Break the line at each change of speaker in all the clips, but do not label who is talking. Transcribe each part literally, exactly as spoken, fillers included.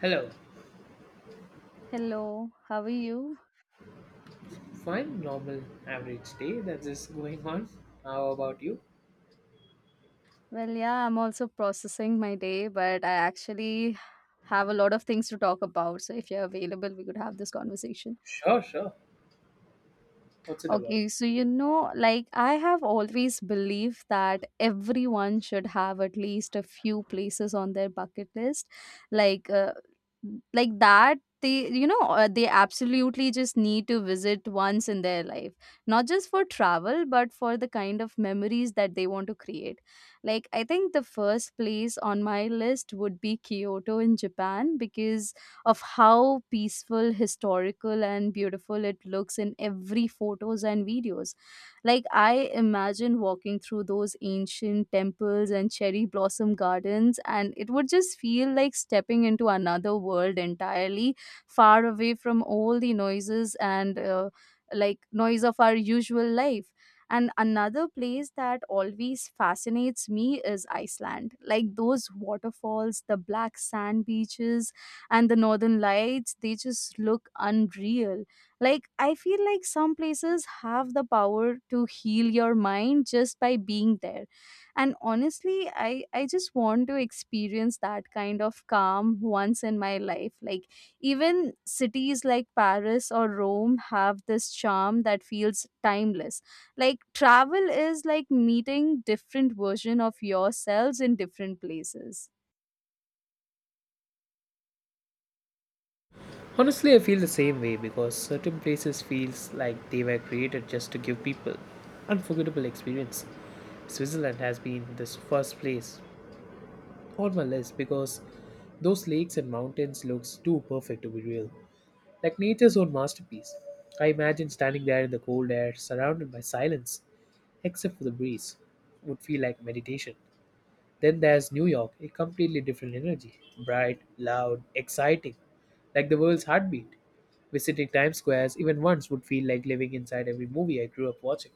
Hello.
Hello, how are you?
Fine, normal, average day that is going on. How about you?
Well, yeah, I'm also processing my day, but I actually have a lot of things to talk about. So if you're available, we could have this conversation.
Sure, sure. What's it about?
Okay, so you know, like I have always believed that everyone should have at least a few places on their bucket list, like uh, like that. They, you know, uh, they absolutely just need to visit once in their life, not just for travel, but for the kind of memories that they want to create. Like, I think the first place on my list would be Kyoto in Japan because of how peaceful, historical, and beautiful it looks in every photos and videos. Like, I imagine walking through those ancient temples and cherry blossom gardens, and it would just feel like stepping into another world entirely, far away from all the noises and uh, like noise of our usual life. And another place that always fascinates me is Iceland. Like those waterfalls, the black sand beaches, and the northern lights, they just look unreal. Like, I feel like some places have the power to heal your mind just by being there. And honestly, i i just want to experience that kind of calm once in my life. Like, even cities like Paris or Rome have this charm that feels timeless. Like, travel is like meeting different version of yourselves in different places.
Honestly, I feel the same way because certain places feels like they were created just to give people unforgettable experience. Switzerland has been this first place on my list because those lakes and mountains looks too perfect to be real, like nature's own masterpiece. I imagine standing there in the cold air, surrounded by silence, except for the breeze, would feel like meditation. Then there's New York, a completely different energy. Bright, loud, exciting, like the world's heartbeat. Visiting Times Square even once would feel like living inside every movie I grew up watching.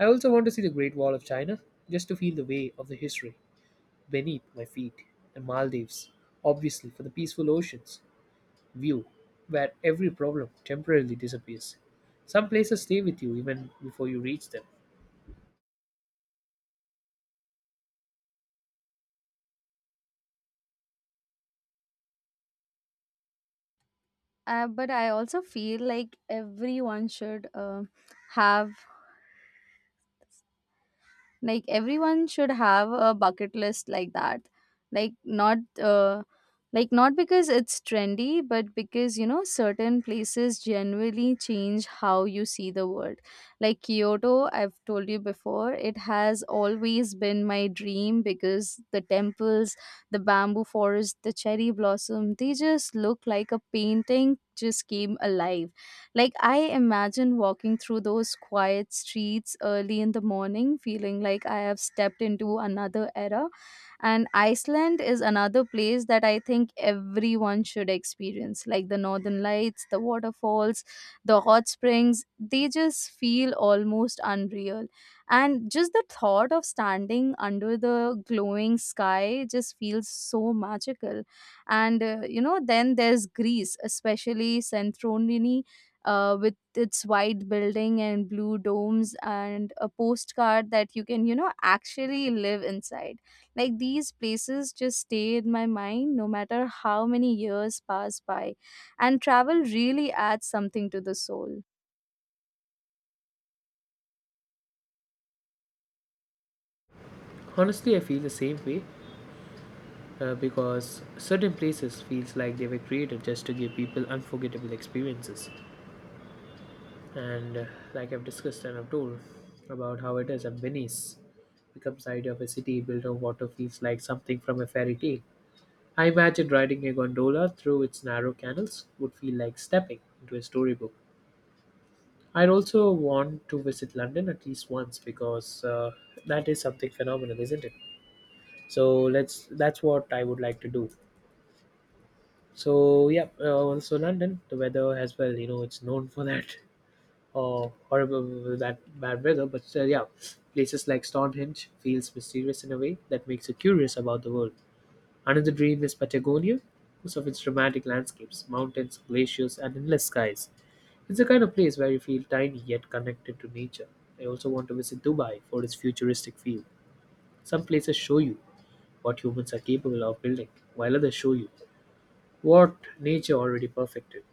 I also want to see the Great Wall of China, just to feel the weight of the history beneath my feet. And Maldives, obviously, for the peaceful oceans view, where every problem temporarily disappears. Some places stay with you even before you reach them.
uh, But I also feel like everyone should uh, have like everyone should have a bucket list like that, like not uh, like not because it's trendy, but because you know certain places genuinely change how you see the world. Like Kyoto, I've told you before, it has always been my dream because the temples, the bamboo forest, the cherry blossom, they just look like a painting just came alive. Like, I imagine walking through those quiet streets early in the morning, feeling like I have stepped into another era. And Iceland is another place that I think everyone should experience, like the northern lights, the waterfalls, the hot springs. They just feel almost unreal. And just the thought of standing under the glowing sky just feels so magical. And, uh, you know, then there's Greece, especially Santorini, uh, with its white building and blue domes, and a postcard that you can, you know, actually live inside. Like these places just stay in my mind no matter how many years pass by. And travel really adds something to the soul.
Honestly, I feel the same way uh, because certain places feels like they were created just to give people unforgettable experiences and uh, like I've discussed and I've told about how it is, and Venice becomes the idea of a city built on water feels like something from a fairy tale. I imagine riding a gondola through its narrow canals would feel like stepping into a storybook. I'd also want to visit London at least once because uh, that is something phenomenal, isn't it? So let's that's what I would like to do. So yeah, uh, also London, the weather as well. You know, it's known for that uh, horrible that bad weather. But still, yeah, places like Stonehenge feels mysterious in a way that makes you curious about the world. Another dream is Patagonia, because of its dramatic landscapes, mountains, glaciers, and endless skies. It's the kind of place where you feel tiny yet connected to nature. I also want to visit Dubai for its futuristic feel. Some places show you what humans are capable of building, while others show you what nature already perfected.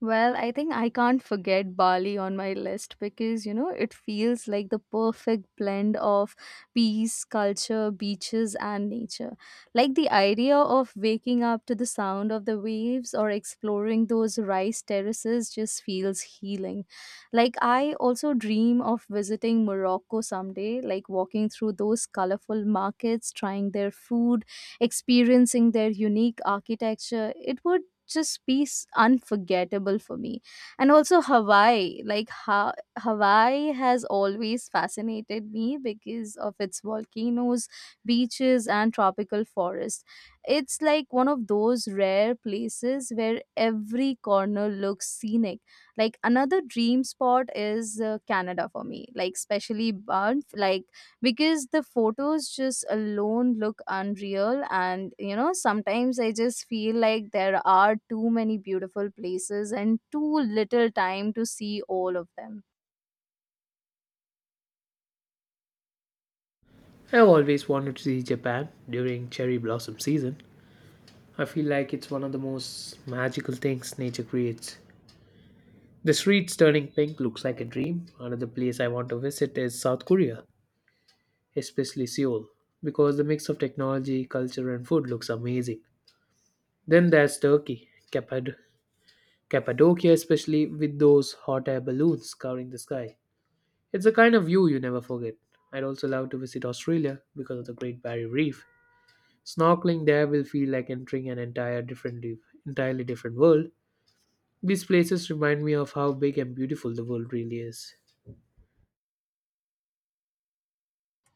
Well, I think I can't forget Bali on my list because, you know, it feels like the perfect blend of peace, culture, beaches, and nature. Like the idea of waking up to the sound of the waves or exploring those rice terraces just feels healing. Like, I also dream of visiting Morocco someday, like walking through those colorful markets, trying their food, experiencing their unique architecture. It would just be s- unforgettable for me. And also Hawaii, like ha- Hawaii has always fascinated me because of its volcanoes, beaches, and tropical forest. It's like one of those rare places where every corner looks scenic. Like, another dream spot is uh, Canada for me, like especially Banff, like because the photos just alone look unreal. And you know, sometimes I just feel like there are too many beautiful places and too little time to see all of them.
I've always wanted to see Japan during cherry blossom season. I feel like it's one of the most magical things nature creates. The streets turning pink looks like a dream. Another place I want to visit is South Korea, especially Seoul, because the mix of technology, culture, and food looks amazing. Then there's Turkey, Capad- Cappadocia, especially with those hot air balloons covering the sky. It's a kind of view you never forget. I'd also love to visit Australia because of the Great Barrier Reef. Snorkeling there will feel like entering an entire different, entirely different world. These places remind me of how big and beautiful the world really is.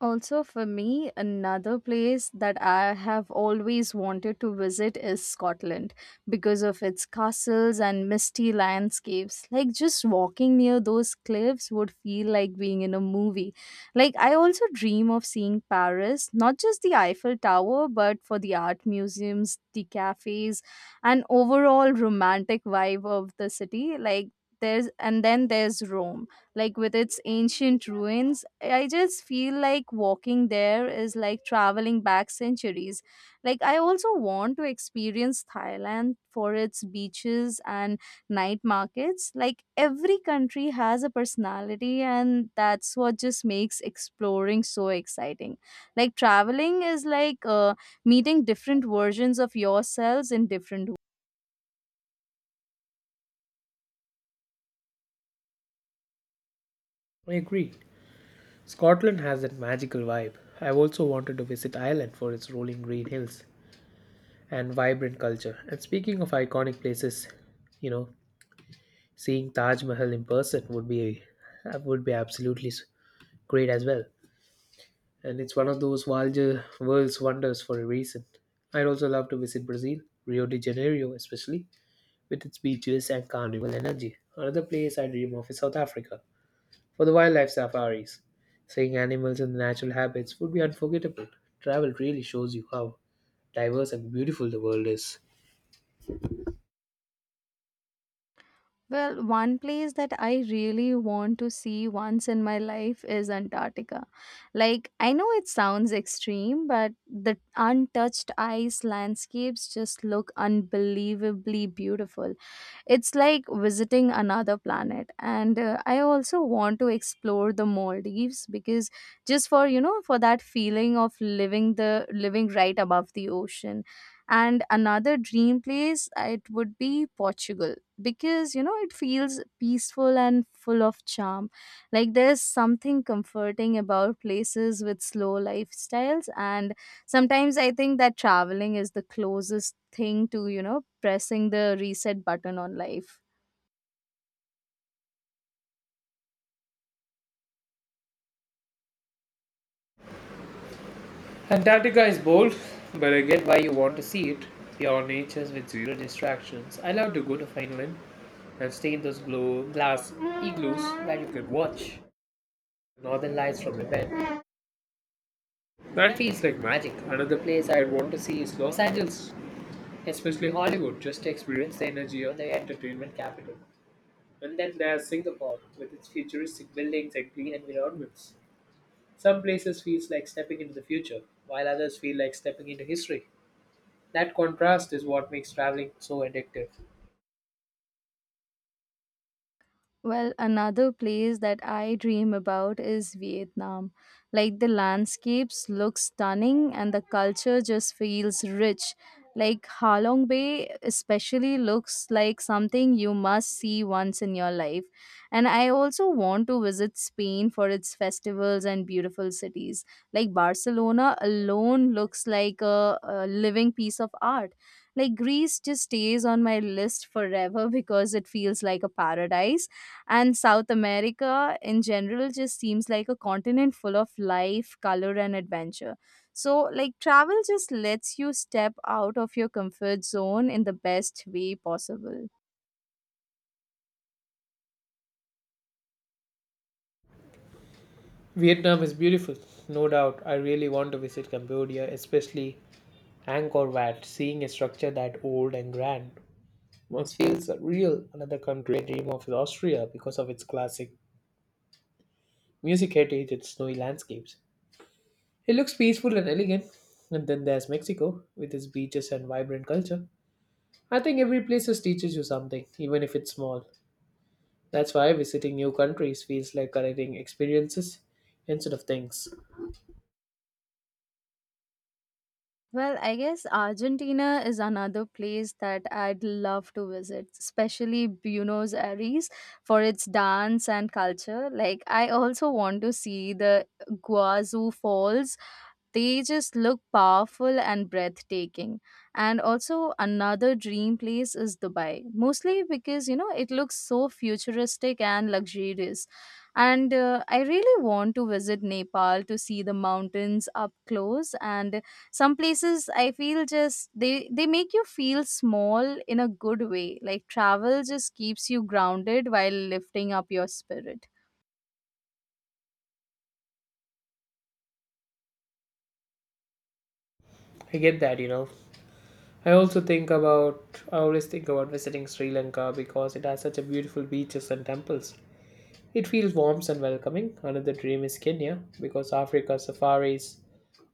Also, for me, another place that I have always wanted to visit is Scotland because of its castles and misty landscapes. Like, just walking near those cliffs would feel like being in a movie. Like, I also dream of seeing Paris, not just the Eiffel Tower, but for the art museums, the cafes, and overall romantic vibe of the city. Like, there's and then there's Rome, like with its ancient ruins. I just feel like walking there is like traveling back centuries. Like, I also want to experience Thailand for its beaches and night markets. Like, every country has a personality, and that's what just makes exploring so exciting. Like, traveling is like uh, meeting different versions of yourselves in different.
I agree. Scotland has that magical vibe. I've also wanted to visit Ireland for its rolling green hills and vibrant culture. And speaking of iconic places, you know, seeing Taj Mahal in person would be uh, would be absolutely s- great as well. And it's one of those world- world's wonders for a reason. I'd also love to visit Brazil, Rio de Janeiro especially, with its beaches and carnival energy. Another place I dream of is South Africa for the wildlife safaris. Seeing animals in their natural habits would be unforgettable. Travel really shows you how diverse and beautiful the world is.
Well, one place that I really want to see once in my life is Antarctica. Like, I know it sounds extreme, but the untouched ice landscapes just look unbelievably beautiful. It's like visiting another planet. And uh, I also want to explore the Maldives because just for, you know, for that feeling of living the living right above the ocean. And another dream place, uh, it would be Portugal because you know it feels peaceful and full of charm. Like, there's something comforting about places with slow lifestyles. And sometimes I think that traveling is the closest thing to, you know, pressing the reset button on life.
Antarctica is bold, but I get why you want to see it. Pure nature with zero distractions. I love to go to Finland and stay in those glow glass igloos where you can watch northern lights from the bed. That feels like magic. Another place I'd want to see is Los Angeles, especially Hollywood, just to experience the energy of the entertainment capital. And then there's Singapore, with its futuristic buildings and green environments. Some places feels like stepping into the future, while others feel like stepping into history. That contrast is what makes traveling so addictive.
Well, another place that I dream about is Vietnam. Like the landscapes look stunning and the culture just feels rich. Like Ha Long Bay especially looks like something you must see once in your life. And I also want to visit Spain for its festivals and beautiful cities. Like Barcelona alone looks like a, a living piece of art. Like Greece just stays on my list forever because it feels like a paradise, and South America in general just seems like a continent full of life, color, and adventure. So, like, travel just lets you step out of your comfort zone in the best way possible.
Vietnam is beautiful, no doubt. I really want to visit Cambodia, especially Angkor Wat. Seeing a structure that old and grand once feels real. Another country dream of is Austria because of its classic music heritage and snowy landscapes. It looks peaceful and elegant. And then there's Mexico with its beaches and vibrant culture. I think every place just teaches you something, even if it's small. That's why visiting new countries feels like collecting experiences instead of things.
Well, I guess Argentina is another place that I'd love to visit, especially Buenos Aires for its dance and culture. Like, I also want to see the Guazú Falls. They just look powerful and breathtaking. And also, another dream place is Dubai, mostly because, you know, it looks so futuristic and luxurious. And uh, I really want to visit Nepal to see the mountains up close. And some places, I feel, just they they make you feel small in a good way. Like travel just keeps you grounded while lifting up your spirit.
I get that, you know. I also think about I always think about visiting Sri Lanka because it has such a beautiful beaches and temples. It feels warm and welcoming. Another dream is Kenya because Africa safaris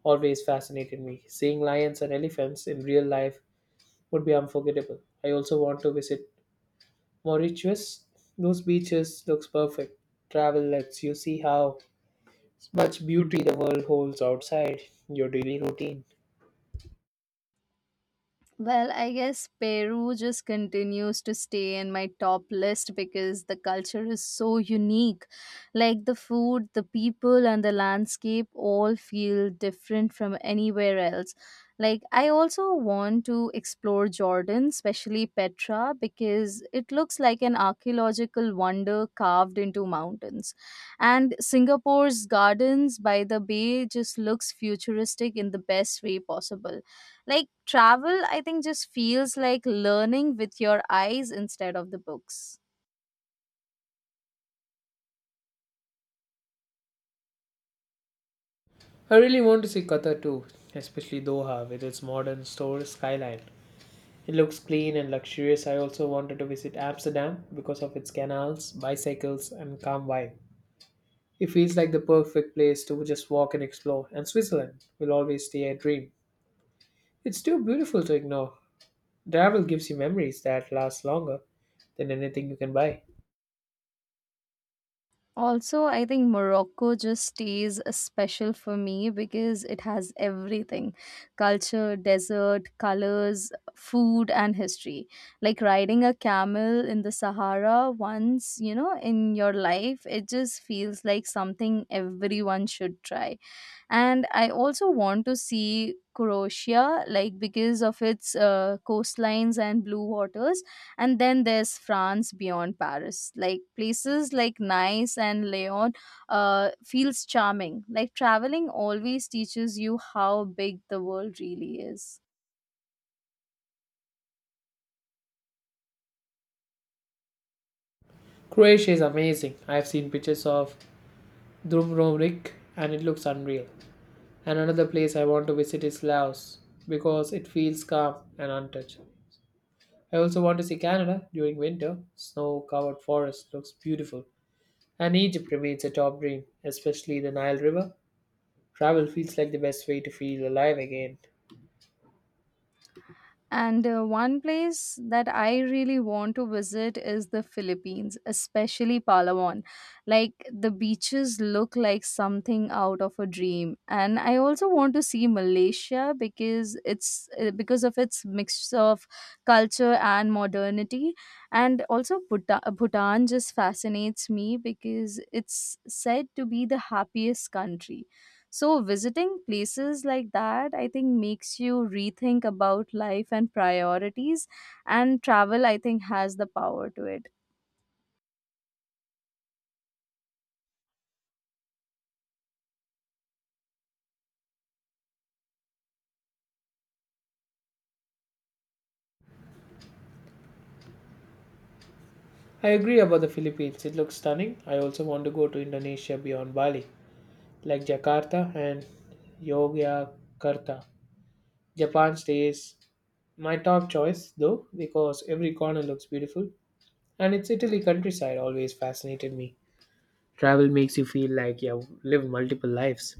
always fascinated me. Seeing lions and elephants in real life would be unforgettable. I also want to visit Mauritius. Those beaches looks perfect. Travel lets you see how much beauty the world holds outside your daily routine.
Well, I guess Peru just continues to stay in my top list because the culture is so unique. Like the food, the people, and the landscape all feel different from anywhere else. Like, I also want to explore Jordan, especially Petra, because it looks like an archaeological wonder carved into mountains. And Singapore's gardens by the bay just looks futuristic in the best way possible. Like travel, I think, just feels like learning with your eyes instead of the books.
I really want to see Qatar too, especially Doha with its modern store skyline. It looks clean and luxurious. I also wanted to visit Amsterdam because of its canals, bicycles, and calm vibe. It feels like the perfect place to just walk and explore, and Switzerland will always stay a dream. It's too beautiful to ignore. Travel gives you memories that last longer than anything you can buy.
Also, I think Morocco just stays uh, special for me because it has everything: culture, desert, colors, food, and history. Like riding a camel in the Sahara once, you know, in your life, it just feels like something everyone should try. And I also want to see Croatia, like because of its uh, coastlines and blue waters. And then there's France beyond Paris, like places like Nice and Lyon, uh, feels charming. Like traveling always teaches you how big the world really is.
Croatia is amazing. I've seen pictures of Dubrovnik and it looks unreal. And another place I want to visit is Laos because it feels calm and untouched. I also want to see Canada during winter. Snow covered forest looks beautiful. And Egypt remains a top dream, especially the Nile River. Travel feels like the best way to feel alive again.
And uh, one place that I really want to visit is the Philippines, especially Palawan. Like the beaches look like something out of a dream. And I also want to see Malaysia because it's uh, because of its mix of culture and modernity. And also Bhuta- Bhutan just fascinates me because it's said to be the happiest country. So visiting places like that, I think, makes you rethink about life and priorities. And travel, I think, has the power to it.
I agree about the Philippines, it looks stunning. I also want to go to Indonesia beyond Bali, like Jakarta and Yogyakarta. Japan stays my top choice though, because every corner looks beautiful. And its Italy countryside always fascinated me. Travel makes you feel like you have lived multiple lives.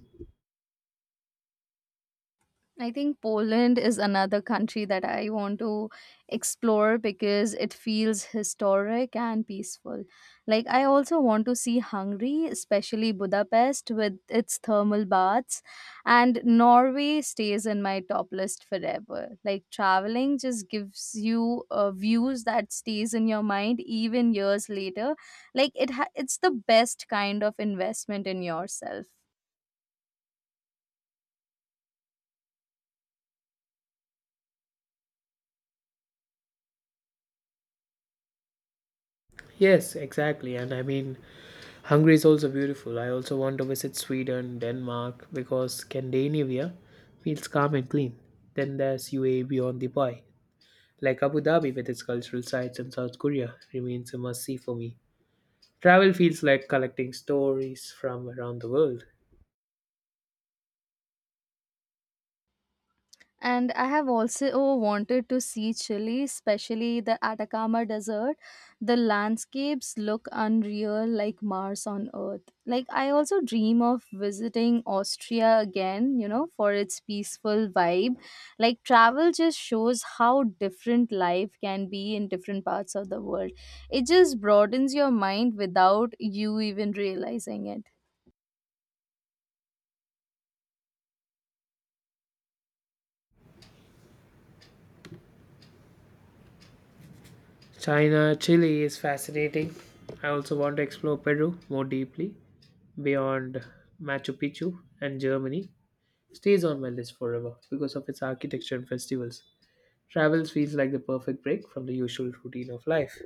I think Poland is another country that I want to explore because it feels historic and peaceful. Like, I also want to see Hungary, especially Budapest with its thermal baths, and Norway stays in my top list forever. Like, traveling just gives you uh, views that stays in your mind even years later. Like, it ha- it's the best kind of investment in yourself.
Yes, exactly. And I mean, Hungary is also beautiful. I also want to visit Sweden, Denmark, because Scandinavia feels calm and clean. Then there's U A E beyond Dubai. Like Abu Dhabi with its cultural sites, and South Korea remains a must see for me. Travel feels like collecting stories from around the world.
And I have also wanted to see Chile, especially the Atacama Desert. The landscapes look unreal, like Mars on Earth. Like, I also dream of visiting Austria again, you know, for its peaceful vibe. Like, travel just shows how different life can be in different parts of the world. It just broadens your mind without you even realizing it.
China, Chile is fascinating. I also want to explore Peru more deeply beyond Machu Picchu and Germany. Stays on my list forever because of its architecture and festivals. Travels feels like the perfect break from the usual routine of life.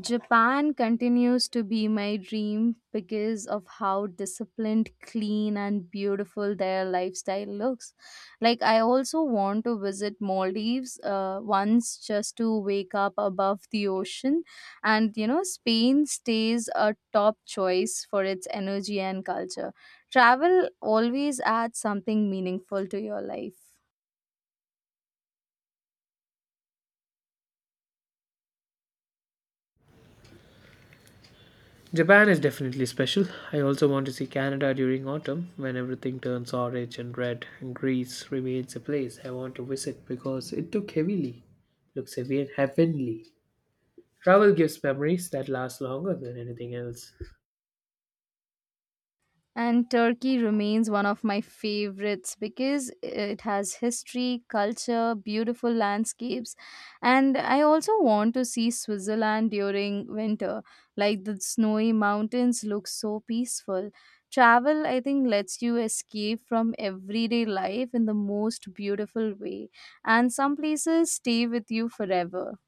Japan continues to be my dream because of how disciplined, clean, and beautiful their lifestyle looks. Like, I also want to visit Maldives uh, once just to wake up above the ocean. And, you know, Spain stays a top choice for its energy and culture. Travel always adds something meaningful to your life.
Japan is definitely special. I also want to see Canada during autumn when everything turns orange and red, and Greece remains a place I want to visit because it took heavily, looks heavy heavenly. Travel gives memories that last longer than anything else.
And Turkey remains one of my favorites because it has history, culture, beautiful landscapes, and I also want to see Switzerland during winter. Like the snowy mountains look so peaceful. Travel, I think, lets you escape from everyday life in the most beautiful way, and some places stay with you forever.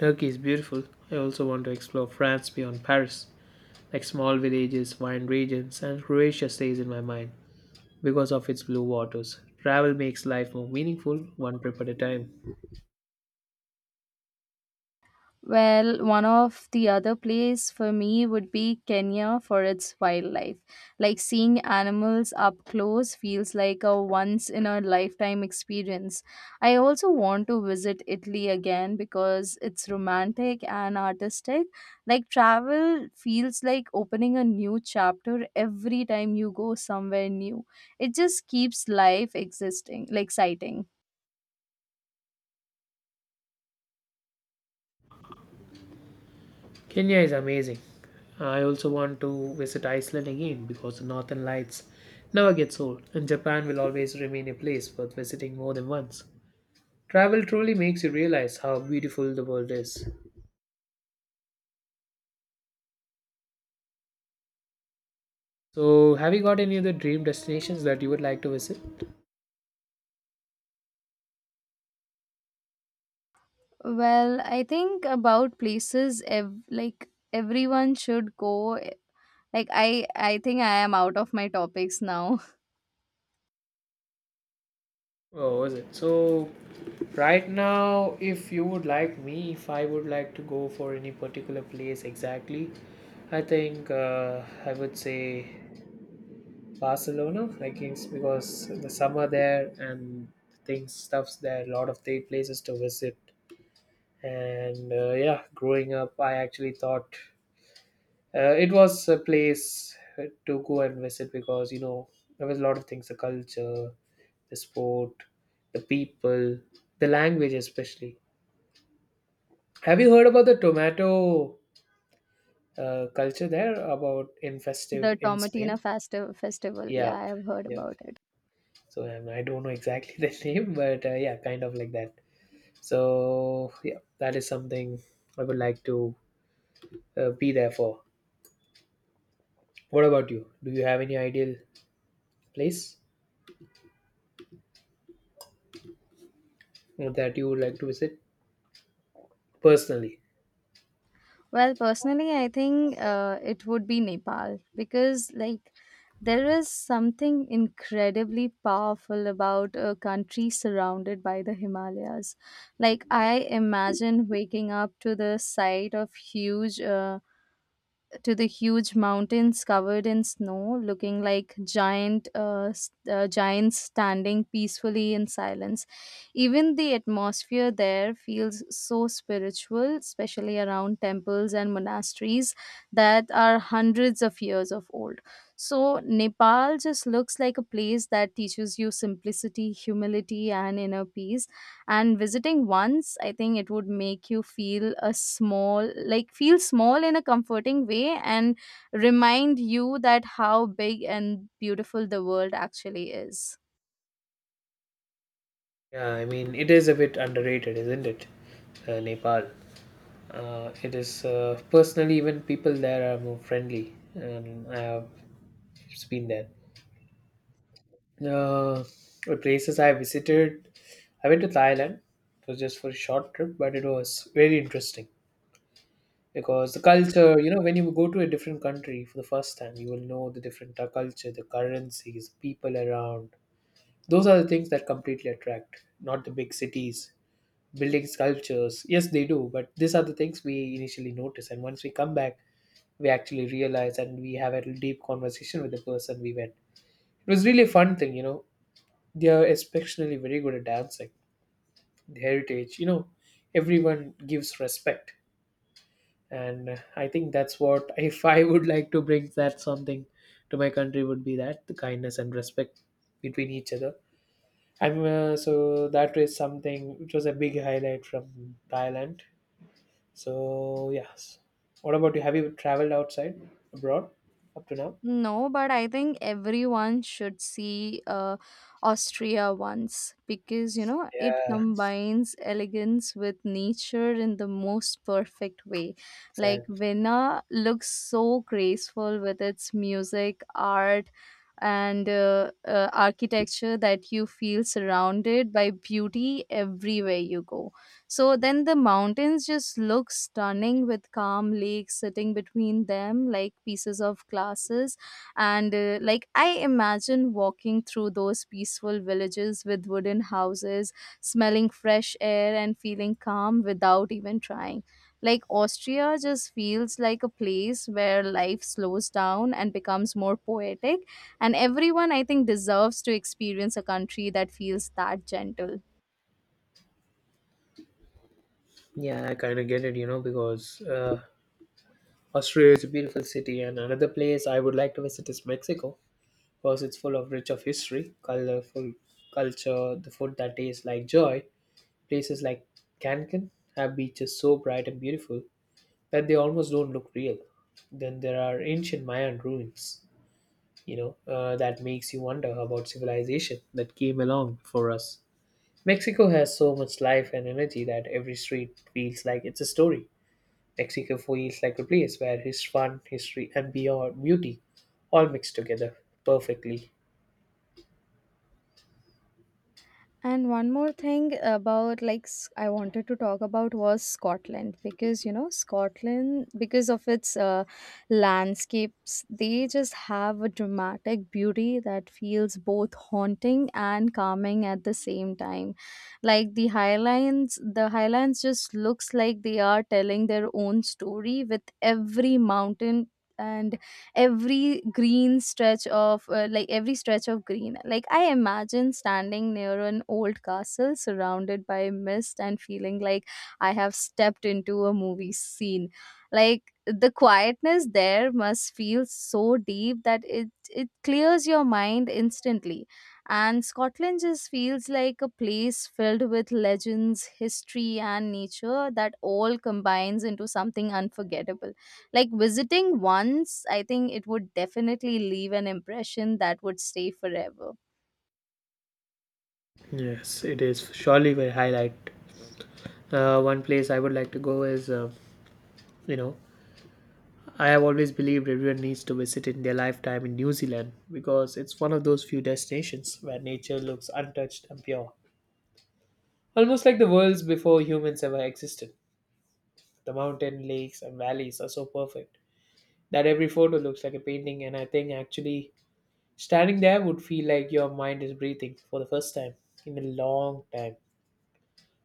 Turkey is beautiful. I also want to explore France beyond Paris, like small villages, wine regions, and Croatia stays in my mind because of its blue waters. Travel makes life more meaningful, one trip at a time.
Well, one of the other place for me would be Kenya for its wildlife. Like seeing animals up close feels like a once in a lifetime experience. I also want to visit Italy again because it's romantic and artistic. Like travel feels like opening a new chapter every time you go somewhere new. It just keeps life existing, like exciting.
Kenya is amazing. I also want to visit Iceland again because the northern lights never gets old, and Japan will always remain a place worth visiting more than once. Travel truly makes you realize how beautiful the world is. So, have you got any other dream destinations that you would like to visit?
Well, I think about places ev- like everyone should go. eh, Like I, I think I am out of my topics now.
Oh, was it? So, right now, if you would like me, if I would like to go for any particular place exactly, I think uh, I would say Barcelona, like it's because the summer there and things, stuffs there, a lot of the places to visit. And uh, yeah, growing up, I actually thought uh, it was a place uh, to go and visit because you know there was a lot of things: the culture, the sport, the people, the language, especially. Have you heard about the tomato uh, culture there? About in festive
The
in Spain?
Tomatina Festi- Festival.
Yeah,
Yeah, I have heard
yeah.
about it.
So um, I don't know exactly the name, but uh, yeah, kind of like that. So yeah, that is something I would like to uh, be there for. What about you? Do you have any ideal place that you would like to visit? Personally,
Well, personally, I think uh, it would be Nepal because like there is something incredibly powerful about a country surrounded by the Himalayas. Like I imagine waking up to the sight of huge. Uh, to the huge mountains covered in snow, looking like giant uh, s- uh, giants standing peacefully in silence. Even the atmosphere there feels so spiritual, especially around temples and monasteries that are hundreds of years of old. So Nepal just looks like a place that teaches you simplicity, humility, and inner peace, and visiting once I think it would make you feel a small like feel small in a comforting way, and remind you that how big and beautiful the world actually is.
yeah, I mean, it is a bit underrated, isn't it? Uh, Nepal. Uh, it is uh, personally, even people there are more friendly. Um, I have been there. Uh, the places I visited, I went to Thailand. It was just for a short trip, but it was very interesting because the culture, you know, when you go to a different country for the first time, you will know the different uh, culture, the currencies, people around. Those are the things that completely attract, not the big cities building sculptures. Yes, they do, but these are the things we initially notice. And once we come back, we actually realize and we have a deep conversation with the person we met. It was really a fun thing, you know. They are especially very good at dancing, the heritage, you know, everyone gives respect. And uh, I think that's what, if I would like to bring that something to my country, would be that the kindness and respect between each other. I'm uh, so that was something which was a big highlight from Thailand. So yes. What about you? Have you traveled outside abroad up to now?
No, but I think everyone should see uh, Austria once because you know it
Yeah,
combines elegance with nature in the most perfect way. Like
exactly.
Vienna looks so graceful with its music, art, and uh, uh, architecture that you feel surrounded by beauty everywhere you go. So then the mountains just look stunning with calm lakes sitting between them like pieces of glasses. And uh, like I imagine walking through those peaceful villages with wooden houses, smelling fresh air and feeling calm without even trying. Like Austria just feels like a place where life slows down and becomes more poetic. And everyone, I think, deserves to experience a country that feels that gentle.
Yeah, I kind of get it, you know, because uh, Australia is a beautiful city, and another place I would like to visit is Mexico because it's full of rich of history, colorful culture, the food that tastes like joy. Places like Cancun have beaches so bright and beautiful that they almost don't look real. Then there are ancient Mayan ruins you know, uh, that makes you wonder about civilization that came along before us. Mexico has so much life and energy that every street feels like it's a story. Mexico feels like a place where his fun, history, and beyond beauty all mixed together perfectly.
And one more thing about like s- I wanted to talk about was Scotland, because you know Scotland because of its uh, landscapes, they just have a dramatic beauty that feels both haunting and calming at the same time. Like the highlands the highlands just looks like they are telling their own story with every mountain and every green stretch of uh, like every stretch of green. Like I imagine standing near an old castle surrounded by mist and feeling like I have stepped into a movie scene. Like the quietness there must feel so deep that it it clears your mind instantly. And Scotland just feels like a place filled with legends, history, and nature that all combines into something unforgettable. Like visiting once, I think it would definitely leave an impression that would stay forever.
Yes, it is surely my highlight. Uh, one place I would like to go is, uh, you know, I have always believed everyone needs to visit in their lifetime in New Zealand because it's one of those few destinations where nature looks untouched and pure. Almost like the worlds before humans ever existed. The mountain, lakes, and valleys are so perfect that every photo looks like a painting, and I think actually standing there would feel like your mind is breathing for the first time in a long time.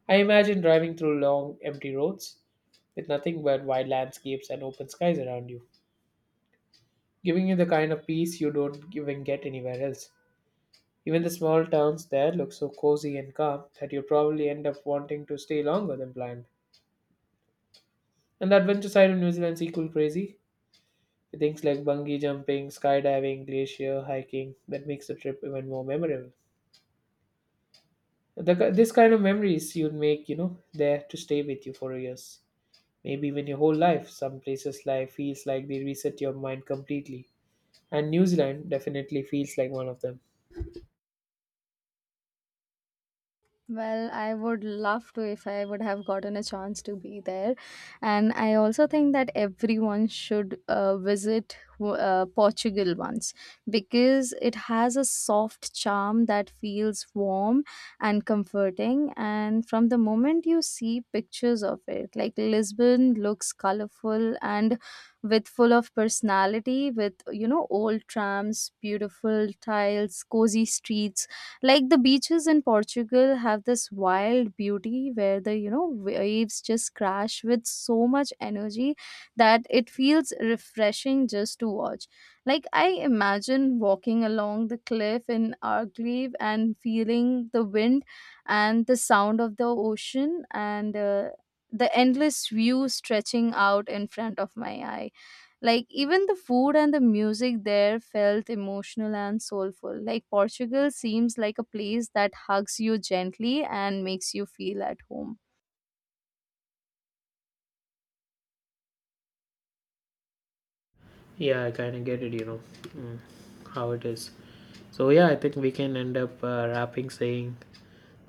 I imagine driving through long, empty roads with nothing but wide landscapes and open skies around you, giving you the kind of peace you don't even get anywhere else. Even the small towns there look so cozy and calm that you probably end up wanting to stay longer than planned. And the adventure side of New Zealand's equal crazy. Things like bungee jumping, skydiving, glacier hiking that makes the trip even more memorable. The, ki- this kind of memories you'd make, you know, there to stay with you for years, maybe even your whole life. Some places life feels like they reset your mind completely, and New Zealand definitely feels like one of them.
Well, I would love to if I would have gotten a chance to be there. And I also think that everyone should uh, visit w- uh, Portugal once because it has a soft charm that feels warm and comforting. And from the moment you see pictures of it, like Lisbon looks colorful and with full of personality, with, you know, old trams, beautiful tiles, cozy streets. Like the beaches in Portugal have this wild beauty where the, you know, waves just crash with so much energy that it feels refreshing just to watch. Like I imagine walking along the cliff in Arcleve and feeling the wind and the sound of the ocean, and uh, the endless view stretching out in front of my eyes. Like even the food and the music there felt emotional and soulful. Like Portugal seems like a place that hugs you gently and makes you feel at home.
Yeah, I kind of get it, you know, mm, how it is. So yeah, I think we can end up uh, wrapping saying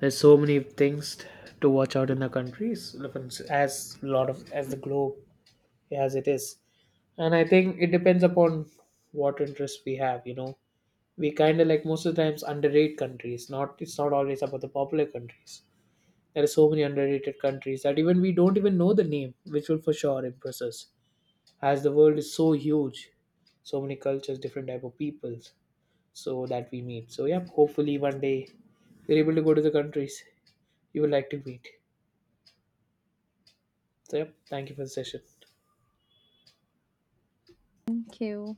there's so many things t- to watch out in the countries as a lot of as the globe as it is. And I think it depends upon what interests we have, you know, we kind of like most of the times underrate countries. Not it's not always about the popular countries. There are so many underrated countries that even we don't even know the name, which will for sure impress us as the world is so huge. So many cultures, different type of peoples so that we meet. So yeah, hopefully one day you're able to go to the countries you would like to meet. So yeah, thank you for the session.
Thank you.